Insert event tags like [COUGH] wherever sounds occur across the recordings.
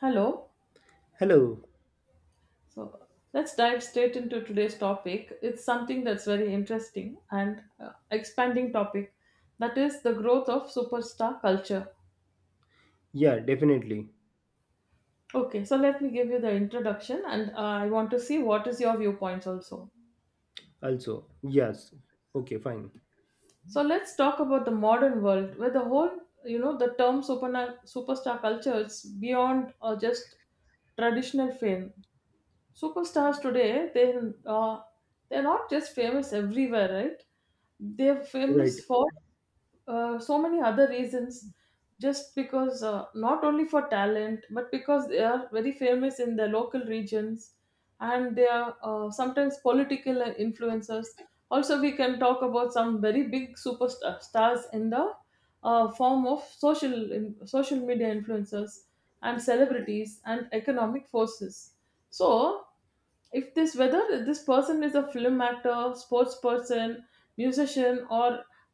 Hello. Hello. So, let's dive straight into today's topic. It's something that's very interesting and expanding topic. That is the growth of superstar culture. Yeah, definitely. Okay, so let me give you the introduction, and I want to see what is your viewpoints also. Also, yes. Okay, fine. So let's talk about the modern world where the whole, you know, the term superstar culture is beyond just traditional fame. Superstars today, they uh, they're not just famous everywhere, right? They're Right, famous for so many other reasons, just because not only for talent, but because they are very famous in their local regions, and they are sometimes political influencers. Also, we can talk about some very big superstars in the form of social media influencers and celebrities and economic forces. So if this, whether this person is a film actor, sports person, musician, or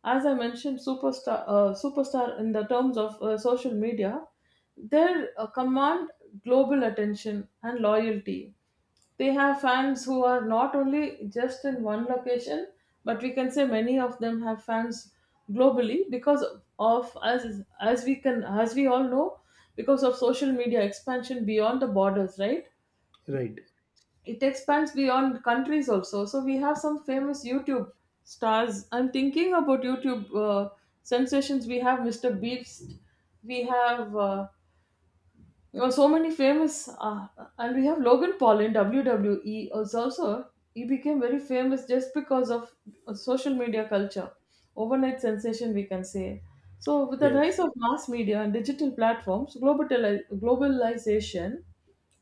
as I mentioned, superstar, superstar in the terms of social media, they command global attention and loyalty. They have fans who are not only just in one location, but we can say many of them have fans globally because of, as we all know, because of social media expansion beyond the borders, right? right. It expands beyond countries also. So we have some famous YouTube stars. I'm thinking about YouTube sensations. We have Mr. Beast, we have so many famous, and we have Logan Paul in WWE is also. He became very famous just because of social media culture, overnight sensation, we can say. So with the Yes. rise of mass media and digital platforms, globalization,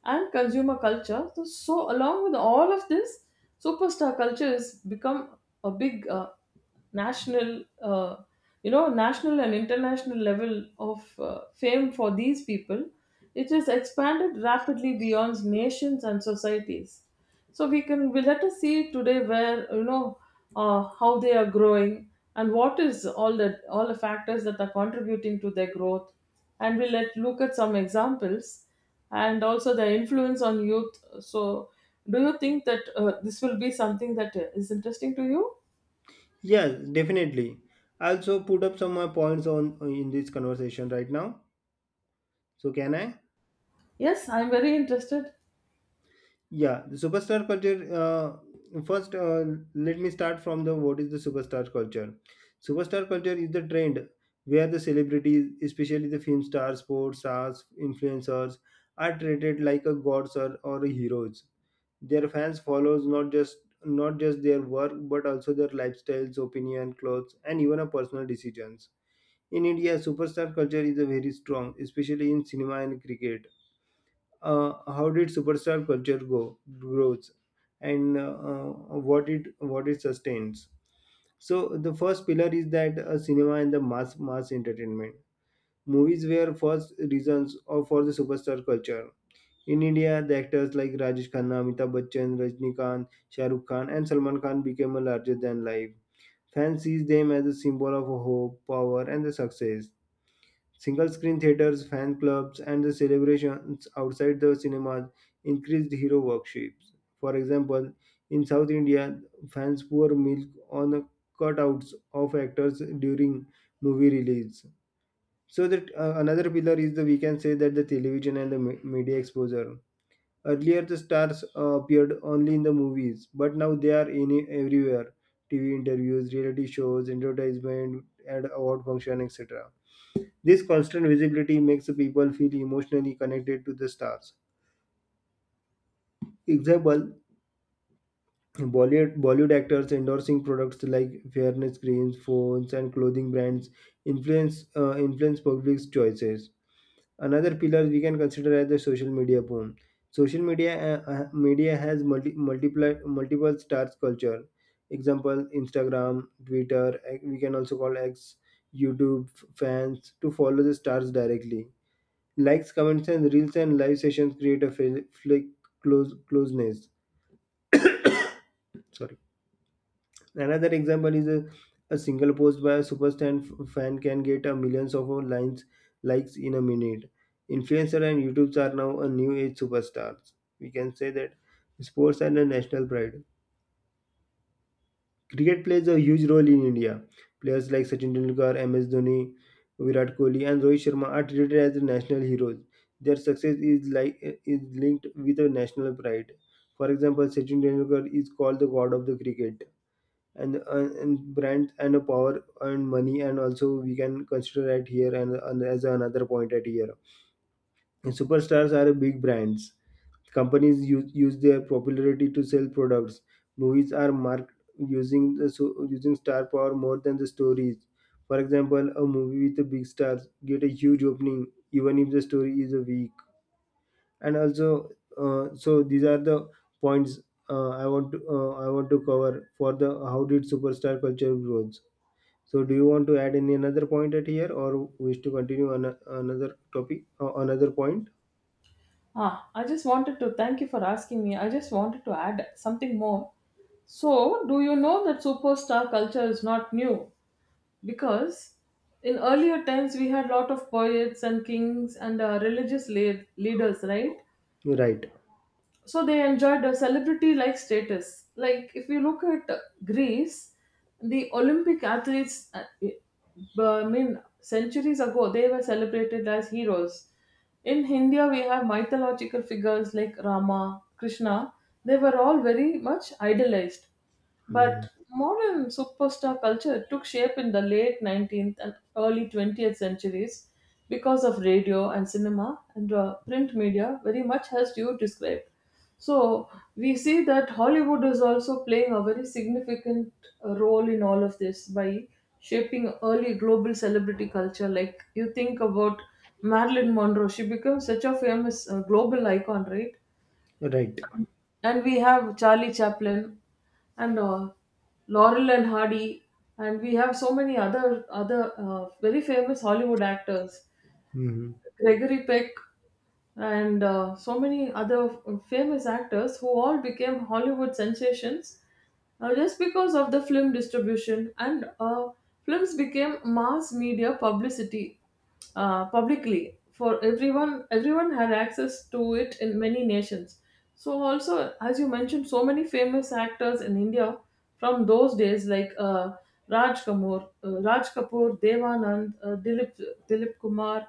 and consumer culture. So, so along with all of this, superstar culture has become a big national, national and international level of fame for these people. It has expanded rapidly beyond nations and societies. So we can we let us see today where, you know, how they are growing and what is all the factors that are contributing to their growth, and we let look at some examples and also the influence on youth. So, do you think that this will be something that is interesting to you? Yes, definitely. I also put up some points on in this conversation right now. So can I? Yes, I'm very interested. Yeah, the superstar culture. First, let me start from the what is the superstar culture. Superstar culture is the trend where the celebrities, especially the film stars, sports stars, influencers, are treated like a gods or heroes. Their fans follows not just their work but also their lifestyles, opinion, clothes, and even a personal decisions. In India, superstar culture is a very strong, especially in cinema and cricket. How did superstar culture go grows, and what it sustains? So the first pillar is that cinema and the mass entertainment. Movies were first reasons or for the superstar culture. In India, the actors like Rajesh Khanna, Amitabh Bachchan, Rajnikant, Shah Rukh Khan, and Salman Khan became a larger than life. Fans see them as a symbol of hope, power, and the success. Single screen theaters, fan clubs, and the celebrations outside the cinemas increased hero worships. For example, in South India, fans pour milk on cutouts of actors during movie release. So that, another pillar is the we can say that the television and the media exposure. Earlier, the stars appeared only in the movies, but now they are in everywhere: TV interviews, reality shows, advertisement, and award function, etc. This constant visibility makes the people feel emotionally connected to the stars. Example: Bollywood actors endorsing products like fairness creams, phones, and clothing brands influence public's choices. Another pillar we can consider as the social media boom. Social media has multiple stars culture. Example: Instagram, Twitter, we can also call X, YouTube fans to follow the stars directly. Likes, comments, and reels and live sessions create a feel, feel closeness. Sorry. Another example is a single post by a superstar fan can get a millions of lines likes in a minute. Influencer and YouTubes are now a new age superstars. We can say that sports and a national pride. Cricket plays a huge role in India. Players like Sachin Tendulkar, MS Dhoni, Virat Kohli, and Rohit Sharma are treated as national heroes. Their success is linked with a national pride. For example, Sachin Tendulkar is called the god of the cricket, and brand and a power and money. And also we can consider at here, and as another point at here, and superstars are big brands. Companies use their popularity to sell products. Movies are marked using star power more than the stories. For example, a movie with a big star get a huge opening even if the story is a weak. And also, so these are the points I want to cover for the how did superstar culture grows. So, do you want to add any another point at here, or wish to continue on another topic, another point? Ah, I just wanted to thank you for asking me. I just wanted to add something more. So, do you know that superstar culture is not new? Because in earlier times we had lot of poets and kings and religious leaders, right? Right. So they enjoyed a celebrity like status. Like if you look at, Greece, the Olympic athletes, I mean, centuries ago, they were celebrated as heroes. In India we have mythological figures like Rama, Krishna. They were all very much idolized. But Mhm. modern superstar culture took shape in the late 19th and early 20th centuries because of radio and cinema and print media, very much as you described. So we see that Hollywood is also playing a very significant role in all of this by shaping early global celebrity culture. Like, you think about Marilyn Monroe. She becomes such a famous global icon, right? Right. And we have Charlie Chaplin and Laurel and Hardy, and we have so many other very famous Hollywood actors. Mhm. Gregory Peck, and so many other famous actors who all became Hollywood sensations just because of the film distribution and films became mass media publicity, publicly for everyone. Everyone had access to it in many nations. So also, as you mentioned, so many famous actors in India from those days, like Raj Kapoor, Devanand, Dilip Kumar,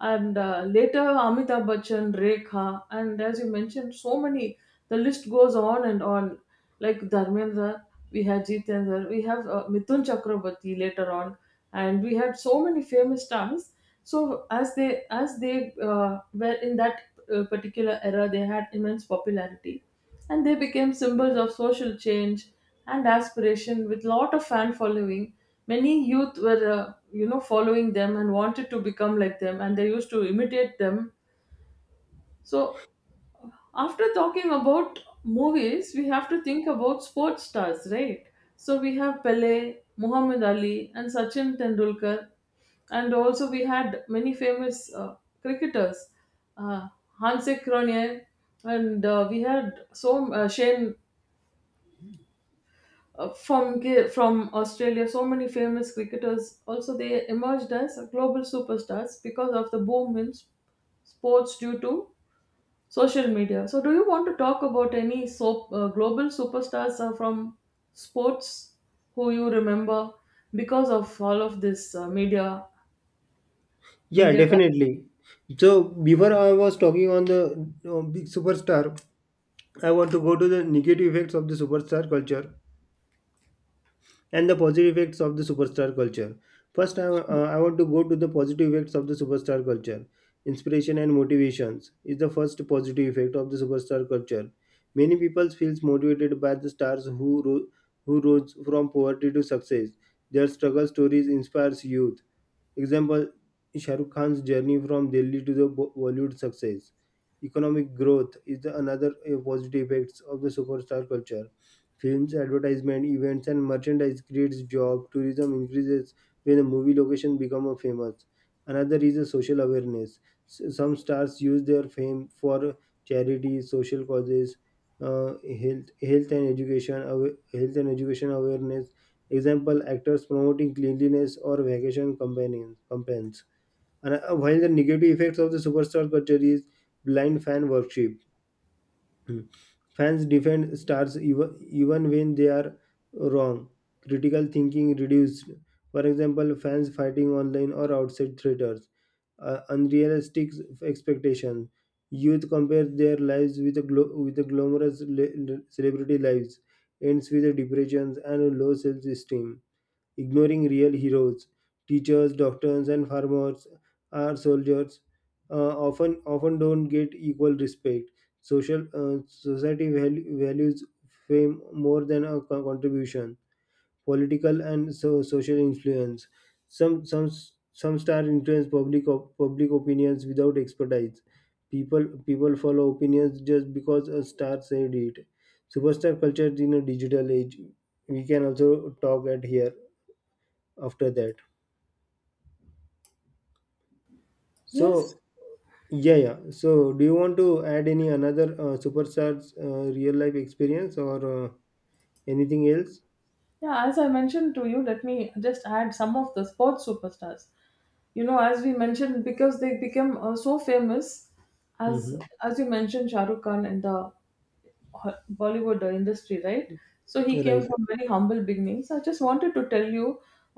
and later Amitabh Bachchan, Rekha, and as you mentioned, so many. The list goes on and on. Like Dharmendra, we had Jitendra, we have Mithun Chakraborty later on, and we had so many famous stars. So as they were in that particular era, they had immense popularity, and they became symbols of social change and aspiration with lot of fan following. Many youth were, following them and wanted to become like them, and they used to imitate them. So, after talking about movies, we have to think about sports stars, right? So we have Pele, Muhammad Ali, and Sachin Tendulkar, and also we had many famous cricketers, uh, Hansi Cronje, and we had so, Shane, from Australia. So many famous cricketers also, they emerged as global superstars because of the boom in sports due to social media. So, do you want to talk about any, so global superstars from sports who you remember because of all of this Yeah, media definitely. So, before I was talking on the big superstar, I want to go to the negative effects of the superstar culture, and the positive effects of the superstar culture. First, I want to go to the positive effects of the superstar culture. Inspiration and motivations is the first positive effect of the superstar culture. Many people feels motivated by the stars who rose from poverty to success. Their struggle stories inspires youth. Example: Shah Rukh Khan's journey from Delhi to the Bollywood success. Economic growth is the another positive effects of the superstar culture. Films, advertisement, events, and merchandise creates job. Tourism increases when a movie location becomes famous. Another is a social awareness. Some stars use their fame for charity, social causes, uh, health and education awareness. Example: actors promoting cleanliness or vacation companions, campaigns. And while the negative effects of the superstar culture is blind fan worship. Hmm. Fans defend stars even when they are wrong. Critical thinking reduced. For example, fans fighting online or outside theaters. Unrealistic expectations. Youth compares their lives with the glamorous celebrity lives, ends with a depressions and a low self-esteem. Ignoring real heroes: teachers, doctors, and farmers, our soldiers often don't get equal respect. Social uh, society values fame more than a contribution. Political and social influence: some some some stars influence public opinions without expertise. People follow opinions just because a star said it. Superstar culture in a digital age, we can also talk at here after that. Yes, So yeah, yeah. So do you want to add any another superstars real life experience or anything else? yeah. As I mentioned to you, let me just add some of the sports superstars. You know, as we mentioned, because they became so famous, as Hmm. as you mentioned, Shah Rukh Khan in the Bollywood industry, right? So he came Right. from very humble beginnings. I just wanted to tell you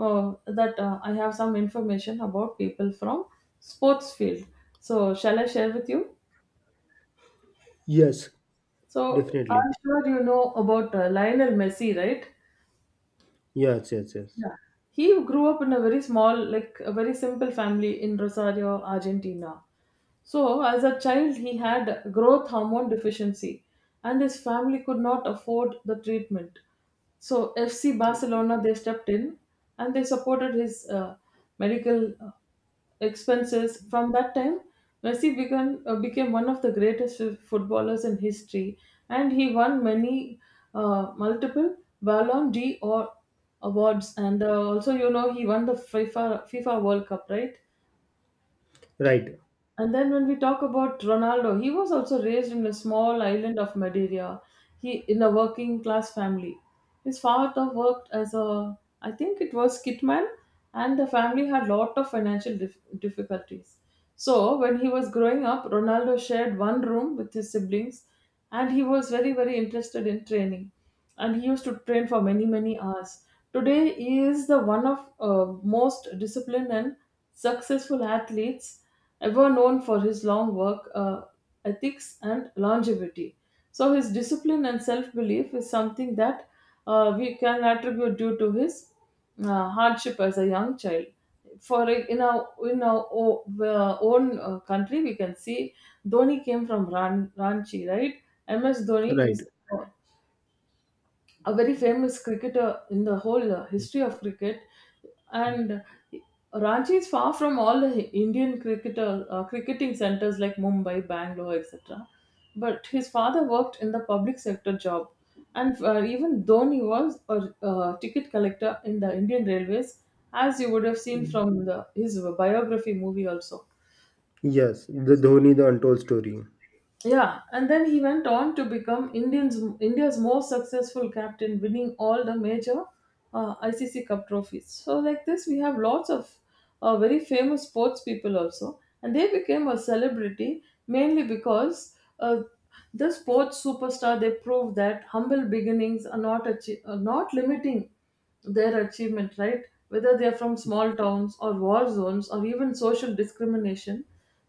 that I have some information about people from sports field. So shall I share with you? Yes, So definitely. I'm sure you know about, Lionel Messi, right? Yes, yes, yes. Yeah, he grew up in a very small, like a very simple family in Rosario, Argentina. So, as a child, he had growth hormone deficiency, and his family could not afford the treatment. So FC Barcelona, they stepped in and they supported his medical expenses. From that time, Messi became one of the greatest footballers in history, and he won many, multiple Ballon d'Or awards. And also, you know, he won the FIFA World Cup, right? Right, And then when we talk about Ronaldo, he was also raised in a small island of Madeira. He in a working class family. His father worked as a, I think it was kitman, and the family had lot of financial difficulties. So when he was growing up, Ronaldo shared one room with his siblings, and he was very very interested in training, and he used to train for many many hours. Today he is the one of, uh, most disciplined and successful athletes ever, known for his long work, ethics and longevity. So his discipline and self belief is something that we can attribute due to his hardship as a young child. For it- in our o- own country, we can see Dhoni came from Ranchi, right? MS Dhoni right. is a very famous cricketer in the whole history of cricket, and Ranchi is far from all the Indian cricketer, cricketing centers like Mumbai, Bangalore, etc. But his father worked in the public sector job, and even Dhoni was a ticket collector in the Indian Railways, as you would have seen from the his biography movie also. Yes, the Dhoni, the untold story. Yeah, and then he went on to become India's most successful captain, winning all the major ICC Cup trophies. So, like this, we have lots of very famous sports people also, and they became a celebrity mainly because the sports superstar, they proved that humble beginnings are not achi- are not limiting their achievement, right? Whether they are from small towns or war zones or even social discrimination,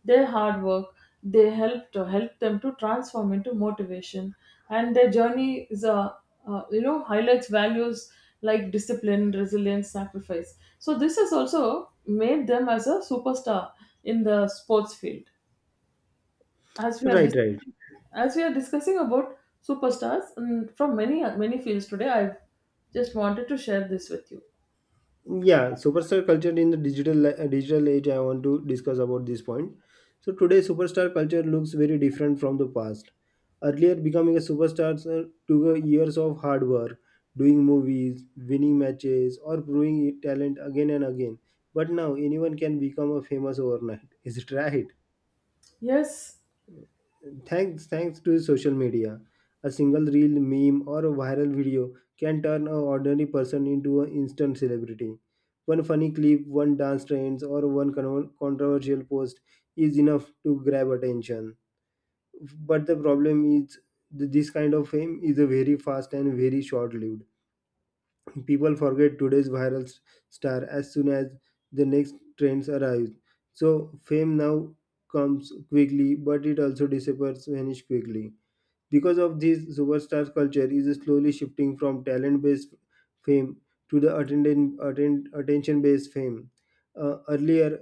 their hard work, they help them to transform into motivation, and their journey is a, you know, highlights values like discipline, resilience, sacrifice. So this has also made them as a superstar in the sports field. As we are Right, dis- right. as we are discussing about superstars, mm, from many many fields today, I've just wanted to share this with you. Yeah, superstar culture in the digital age, I want to discuss about this point. So today superstar culture looks very different from the past. Earlier, becoming a superstar took years of hard work, doing movies, winning matches, or proving talent again and again. But now anyone can become a famous overnight [LAUGHS] is it right? Yes, Thanks to social media, a single reel, meme, or a viral video can turn an ordinary person into an instant celebrity. One funny clip, one dance trends, or one controversial post is enough to grab attention. But the problem is this kind of fame is a very fast and very short-lived. People forget today's viral star as soon as the next trends arrive. So fame now comes quickly, but it also disappears vanish quickly. Because of this, superstar culture is slowly shifting from talent based fame to the attention based fame. Earlier,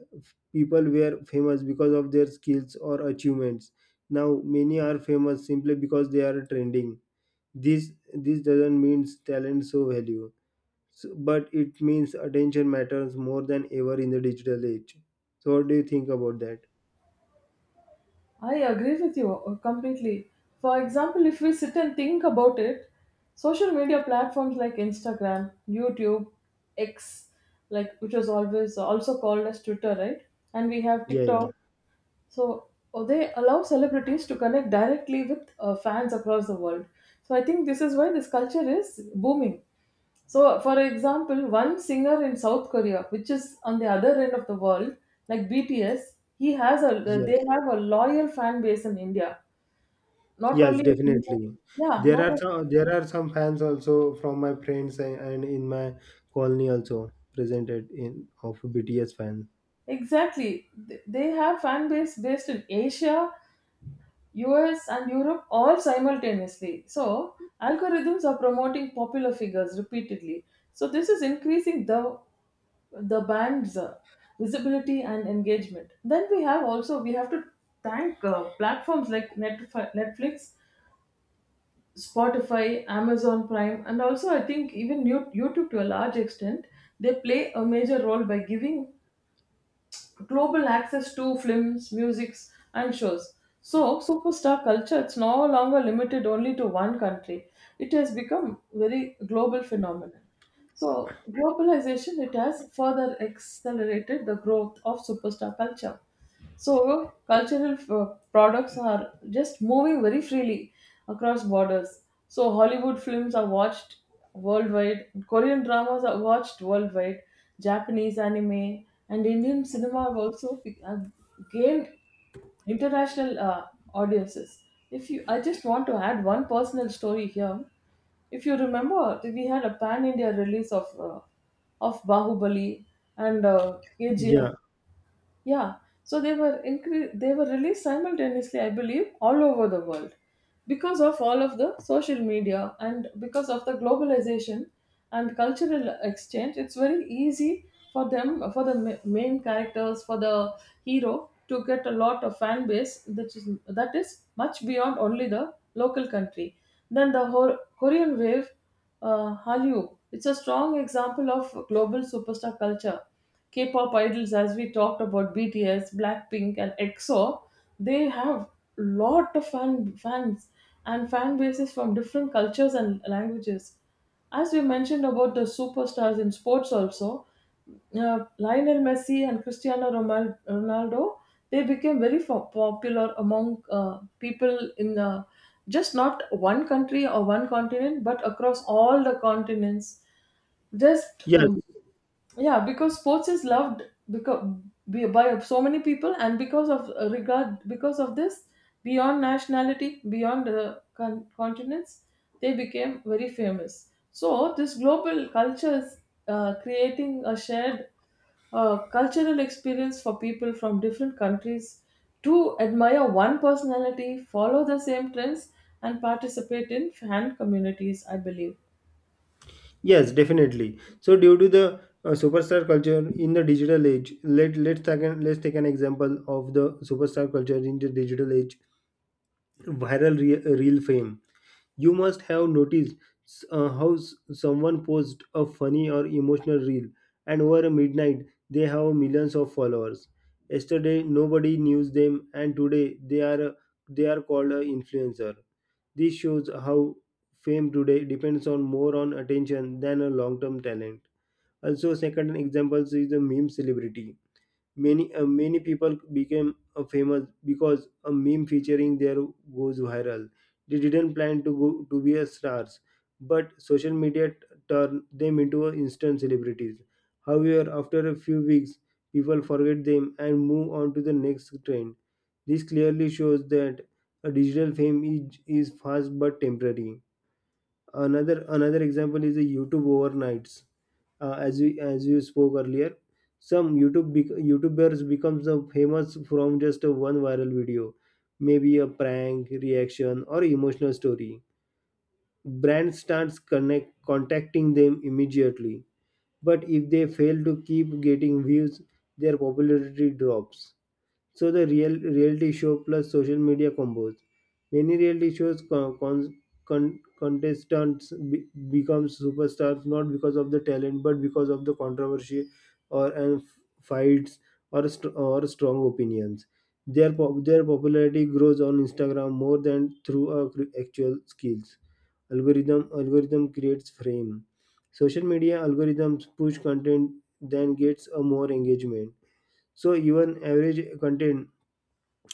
people were famous because of their skills or achievements. Now, many are famous simply because they are trending. This doesn't mean talent so value, so, but it means attention matters more than ever in the digital age. So, what do you think about that? I agree with you completely. For example, if we sit and think about it, social media platforms like Instagram, YouTube, X, like which was always also called as Twitter, right? And we have Yeah, TikTok. So oh, they allow celebrities to connect directly with fans across the world. So I think this is why this culture is booming. So, for example, one singer in South Korea, which is on the other end of the world, like BTS, he has a yeah. they have a loyal fan base in India. Not Yes, only in India, definitely. yeah, There not are o- some, there are some fans also from my friends, and in my colony also, presented in of BTS fan. exactly. They have fan base based in Asia, US, and Europe all simultaneously. So, algorithms are promoting popular figures repeatedly. So, this is increasing the band's, visibility and engagement. Then we have to thank platforms like Netflix, Spotify, Amazon Prime, and also I think even YouTube to a large extent. They play a major role by giving global access to films, musics, and shows. So, superstar culture is no longer limited only to one country. It has become very global phenomenon. So, globalization, it has further accelerated the growth of superstar culture. So, cultural products are just moving very freely across borders. So, Hollywood films are watched worldwide, Korean dramas are watched worldwide, Japanese anime, and Indian cinema have gained international audiences. If you, I just want to add one personal story here. If you remember, we had a pan India release of Bahubali and KGF, Yeah. yeah, so they were released simultaneously, I believe, all over the world because of all of the social media and because of the globalization and cultural exchange. It's very easy for them, for the main characters, for the hero to get a lot of fan base that is much beyond only the local country. Then the Korean wave, Hallyu, it's a strong example of global superstar culture. K pop idols, as we talked about BTS, Blackpink, and EXO, they have lot of fans and fan bases from different cultures and languages. As we mentioned about the superstars in sports also, Lionel Messi and Cristiano Ronaldo, they became very popular among people in just not one country or one continent, but across all the continents. Just Yes. Yeah, because sports is loved because by so many people and because of regard because of this, beyond nationality, beyond the continents, they became very famous. So this global culture is creating a shared cultural experience for people from different countries to admire one personality, follow the same trends, and participate in fan communities, I believe. Yes, definitely. So due to the superstar culture in the digital age, let's take an example of the superstar culture in the digital age. Viral reel fame. You must have noticed how someone posts a funny or emotional reel, and over midnight they have millions of followers. Yesterday nobody knew them, and today they are called an influencer. This shows how fame today depends on more on attention than a long-term talent. Also, second example is the meme celebrity. Many people became famous because a meme featuring their goes viral. They didn't plan to be a stars, but social media turned them into a instant celebrities. However, after a few weeks, people forget them and move on to the next trend. This clearly shows that a digital fame is fast but temporary. Another example is the YouTube overnights. As you spoke earlier, some YouTube YouTubers becomes famous from just one viral video, maybe a prank, reaction, or emotional story. Brand starts connect contacting them immediately, but if they fail to keep getting views, their popularity drops. So the reality show plus social media combos: many reality shows contestants become superstars not because of the talent but because of the controversy or and fights, or strong opinions. Their Their popularity grows on Instagram more than through actual skills. Algorithm creates frame. Social media algorithms push content then gets a more engagement, so even average content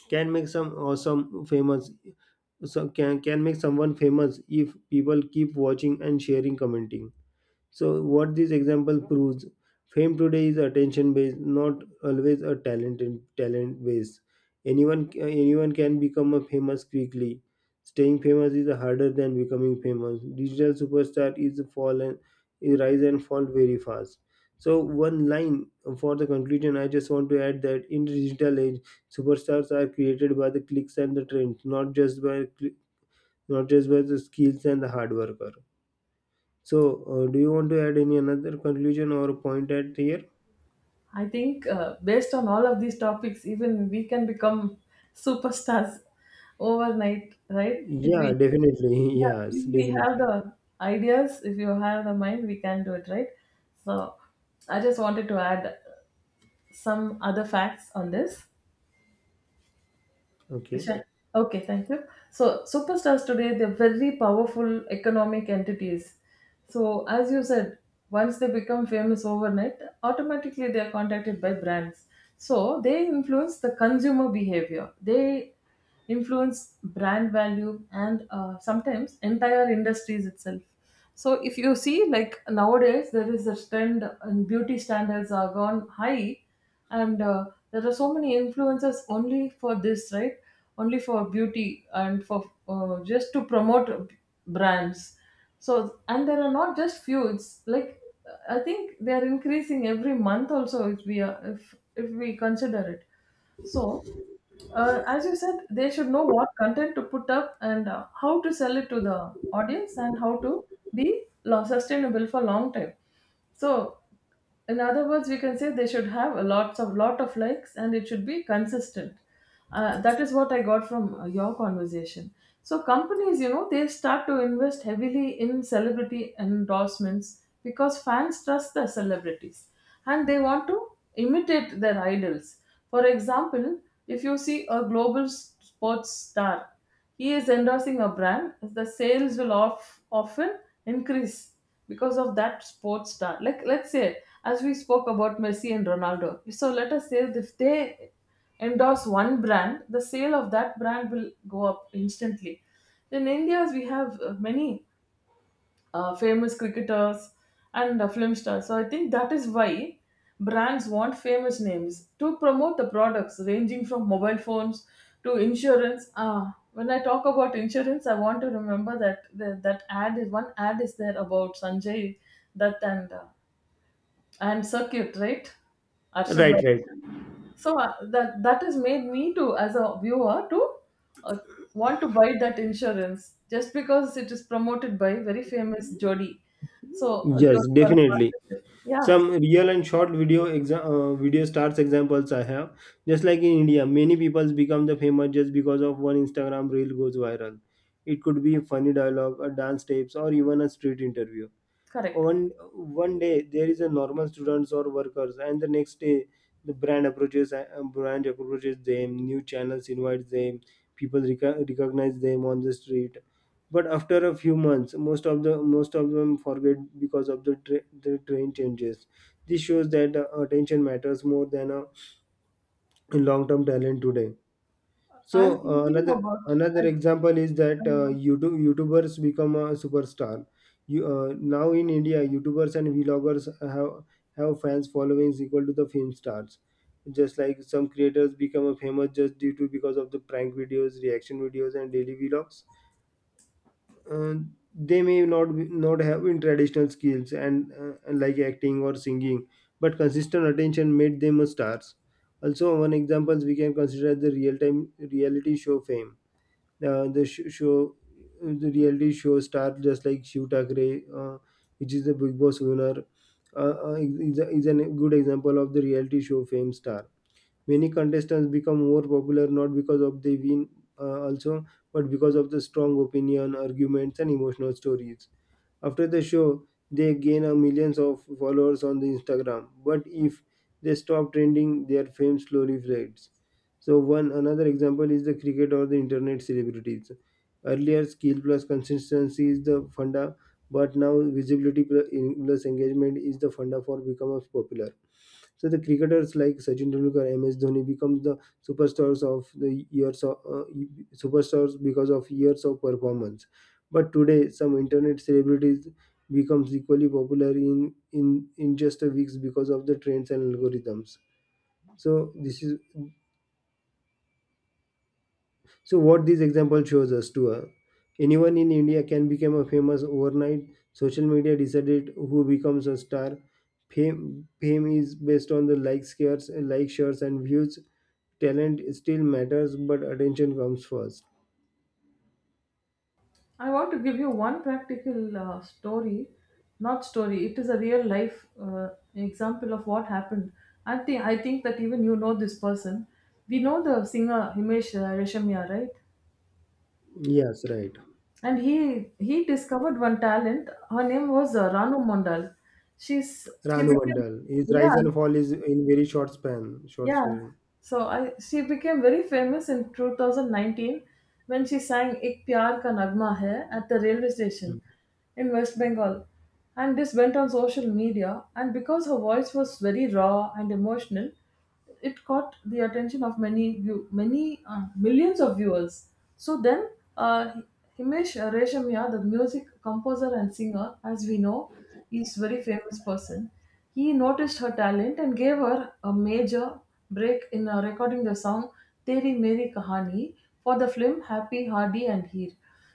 can make some or some famous. So can make someone famous if people keep watching and sharing commenting. So, what this example proves, fame today is attention based, not always a talent and talent based. Anyone can become a famous quickly. Staying famous is harder than becoming famous. Digital superstar is a fall and is rise and fall very fast. So, one line for the conclusion, I just want to add that in the digital age, superstars are created by the clicks and the trends, not just by the skills and the hard worker. So, do you want to add any another conclusion or point at here? I think based on all of these topics, even we can become superstars overnight, right? If Yeah, we definitely. [LAUGHS] Yeah, Yes, if we have definitely. the ideas, if you have the mind, we can do it, right? So I just wanted to add some other facts on this. Okay. Sure. Okay, thank you. So, superstars today, they're very powerful economic entities. So, as you said, once they become famous overnight, automatically they are contacted by brands. So, they influence the consumer behavior. They influence brand value and sometimes entire industries itself. So if you see, like nowadays there is a trend and beauty standards are gone high, and there are so many influencers only for this, right? Only for beauty and for just to promote brands. So, and there are not just few, it's like I think they are increasing every month also, if we are, if we consider it. So as you said, they should know what content to put up and how to sell it to the audience and how to sustainable for long time. So, in other words, we can say they should have a lots of lot of likes and it should be consistent. That is what I got from your conversation. So companies, you know, they start to invest heavily in celebrity endorsements because fans trust the celebrities and they want to imitate their idols. For example, if you see a global sports star, he is endorsing a brand, the sales will often increase because of that sports star. Like let's say, as we spoke about Messi and Ronaldo. So let us say if they endorse one brand, the sale of that brand will go up instantly. In India, we have many famous cricketers and film stars. So I think that is why brands want famous names to promote the products ranging from mobile phones to insurance. Ah, when I talk about insurance, I want to remember that the, that ad is one ad is there about Sanjay Dutt and Circuit, right? Arshad. Right, right. So that has made me to, as a viewer, to uh, want to buy that insurance just because it is promoted by very famous Jodi. So a Yes, Jodi or a definitely. partnership. Yeah, Some real and short video video stars examples I have. Just like in India, many people become the famous just because of one Instagram reel goes viral. It could be funny dialogue, a dance steps, or even a street interview. correct. One day there is a normal students or workers, and the next day the brand approaches them, new channels invite them, people recognize them on the street, but after a few months most of the most of them forget because of the train changes. This shows that attention matters more than a long term talent today. So I'm thinking another about. another I, example is that uh, YouTubers become a superstar. You now in India, YouTubers and vloggers have fans followings equal to the film stars. Just like some creators become a famous just due to because of the prank videos, reaction videos, and daily vlogs. Uh, they may not have in traditional skills and like acting or singing, but consistent attention made them a stars. Also, one examples we can consider the real time reality show fame, uh, the sh- show the reality show star, just like Shiv Thakre, which is the Big Boss winner, is a good example of the reality show fame star. Many contestants become more popular not because of they win also, but because of the strong opinion, arguments, and emotional stories. After the show, they gain a millions of followers on the Instagram. But if they stop trending, their fame slowly fades. So one another example is the cricket or the internet celebrities. Earlier, skill plus consistency is the funda, but now visibility plus engagement is the funda for becomes popular. So the cricketers like Sachin Tendulkar, MS Dhoni become the superstars of the years of uh, superstars because of years of performance. But today, some internet celebrities becomes equally popular in, just a weeks because of the trends and algorithms. So this is so what this example shows us to anyone in India can become a famous overnight. Social media decided who becomes a star. Fame is based on the like shares and views. Talent still matters, but attention comes first. I want to give you one practical story, not story. It is a real life example of what happened. I think that even you know this person. We know the singer Himesh Reshamya, right? Yes, right. And he discovered one talent, her name was Ranu Mondal. she's she Ranu became Mandal. His rise Yeah, and fall is in very short span, short yeah, span. so I she became very famous in 2019 when she sang "Ik Pyar Ka Nagma Hai" at the railway station Hmm. in West Bengal, and this went on social media. And because her voice was very raw and emotional, it caught the attention of many millions of viewers. So then, uh, Himesh Reshamya, the music composer and singer, as we know, is very famous person. He noticed her talent and gave her a major break in recording the song Teri Meri Kahani for the film Happy, Hardy and Heer.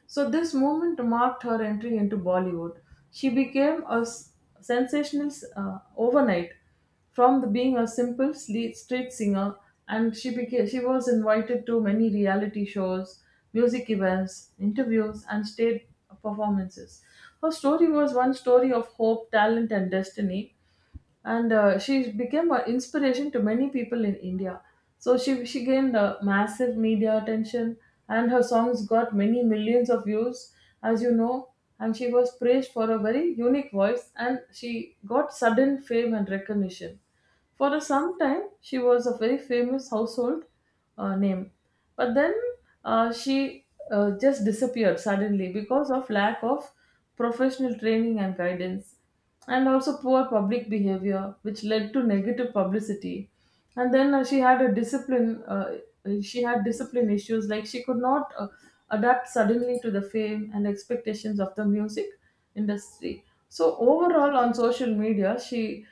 So this moment marked her entry into Bollywood. She became a sensational overnight, from the being a simple street singer. And she was invited to many reality shows, music events, interviews, and stage performances. Her story was one story of hope, talent, and destiny, and she became an inspiration to many people in India. So she gained massive media attention, and her songs got many millions of views, as you know. And she was praised for a very unique voice, and she got sudden fame and recognition. For a some time, she was a very famous household name, but then she just disappeared suddenly because of lack of professional training and guidance, and also poor public behavior, which led to negative publicity. And then she had a discipline. She had discipline issues, like she could not adapt suddenly to the fame and expectations of the music industry. So overall, on social media,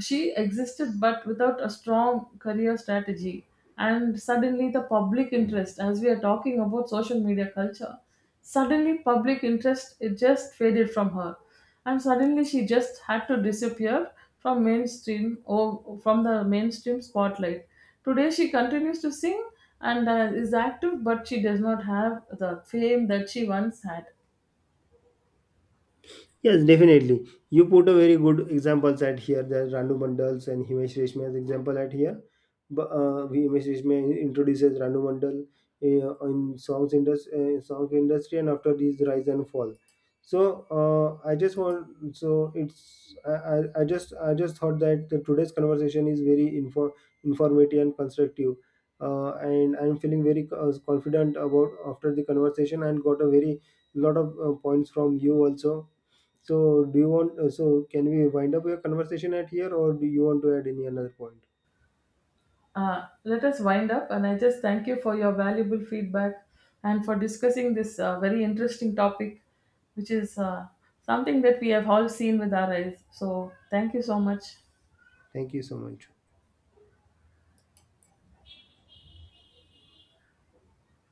she existed, but without a strong career strategy. And suddenly, the public interest, as we are talking about social media culture, suddenly public interest it just faded from her, and suddenly she just had to disappear from mainstream or from the mainstream spotlight. Today, she continues to sing and is active, but she does not have the fame that she once had. Yes, definitely. You put a very good examples at here. There's Randu Mandals and Himesh Reshmiya's example at here. But Himesh Reshmiya introduces Randu Mandal in song industry, and after his rise and fall. So I just want so it's I just thought that today's conversation is very informative and constructive, and I'm feeling very confident about after the conversation, and got a very lot of points from you also. So, do you want? So, can we wind up your conversation at here, or do you want to add any another point? Let us wind up, and I just thank you for your valuable feedback and for discussing this very interesting topic, which is something that we have all seen with our eyes. So, thank you so much. Thank you so much.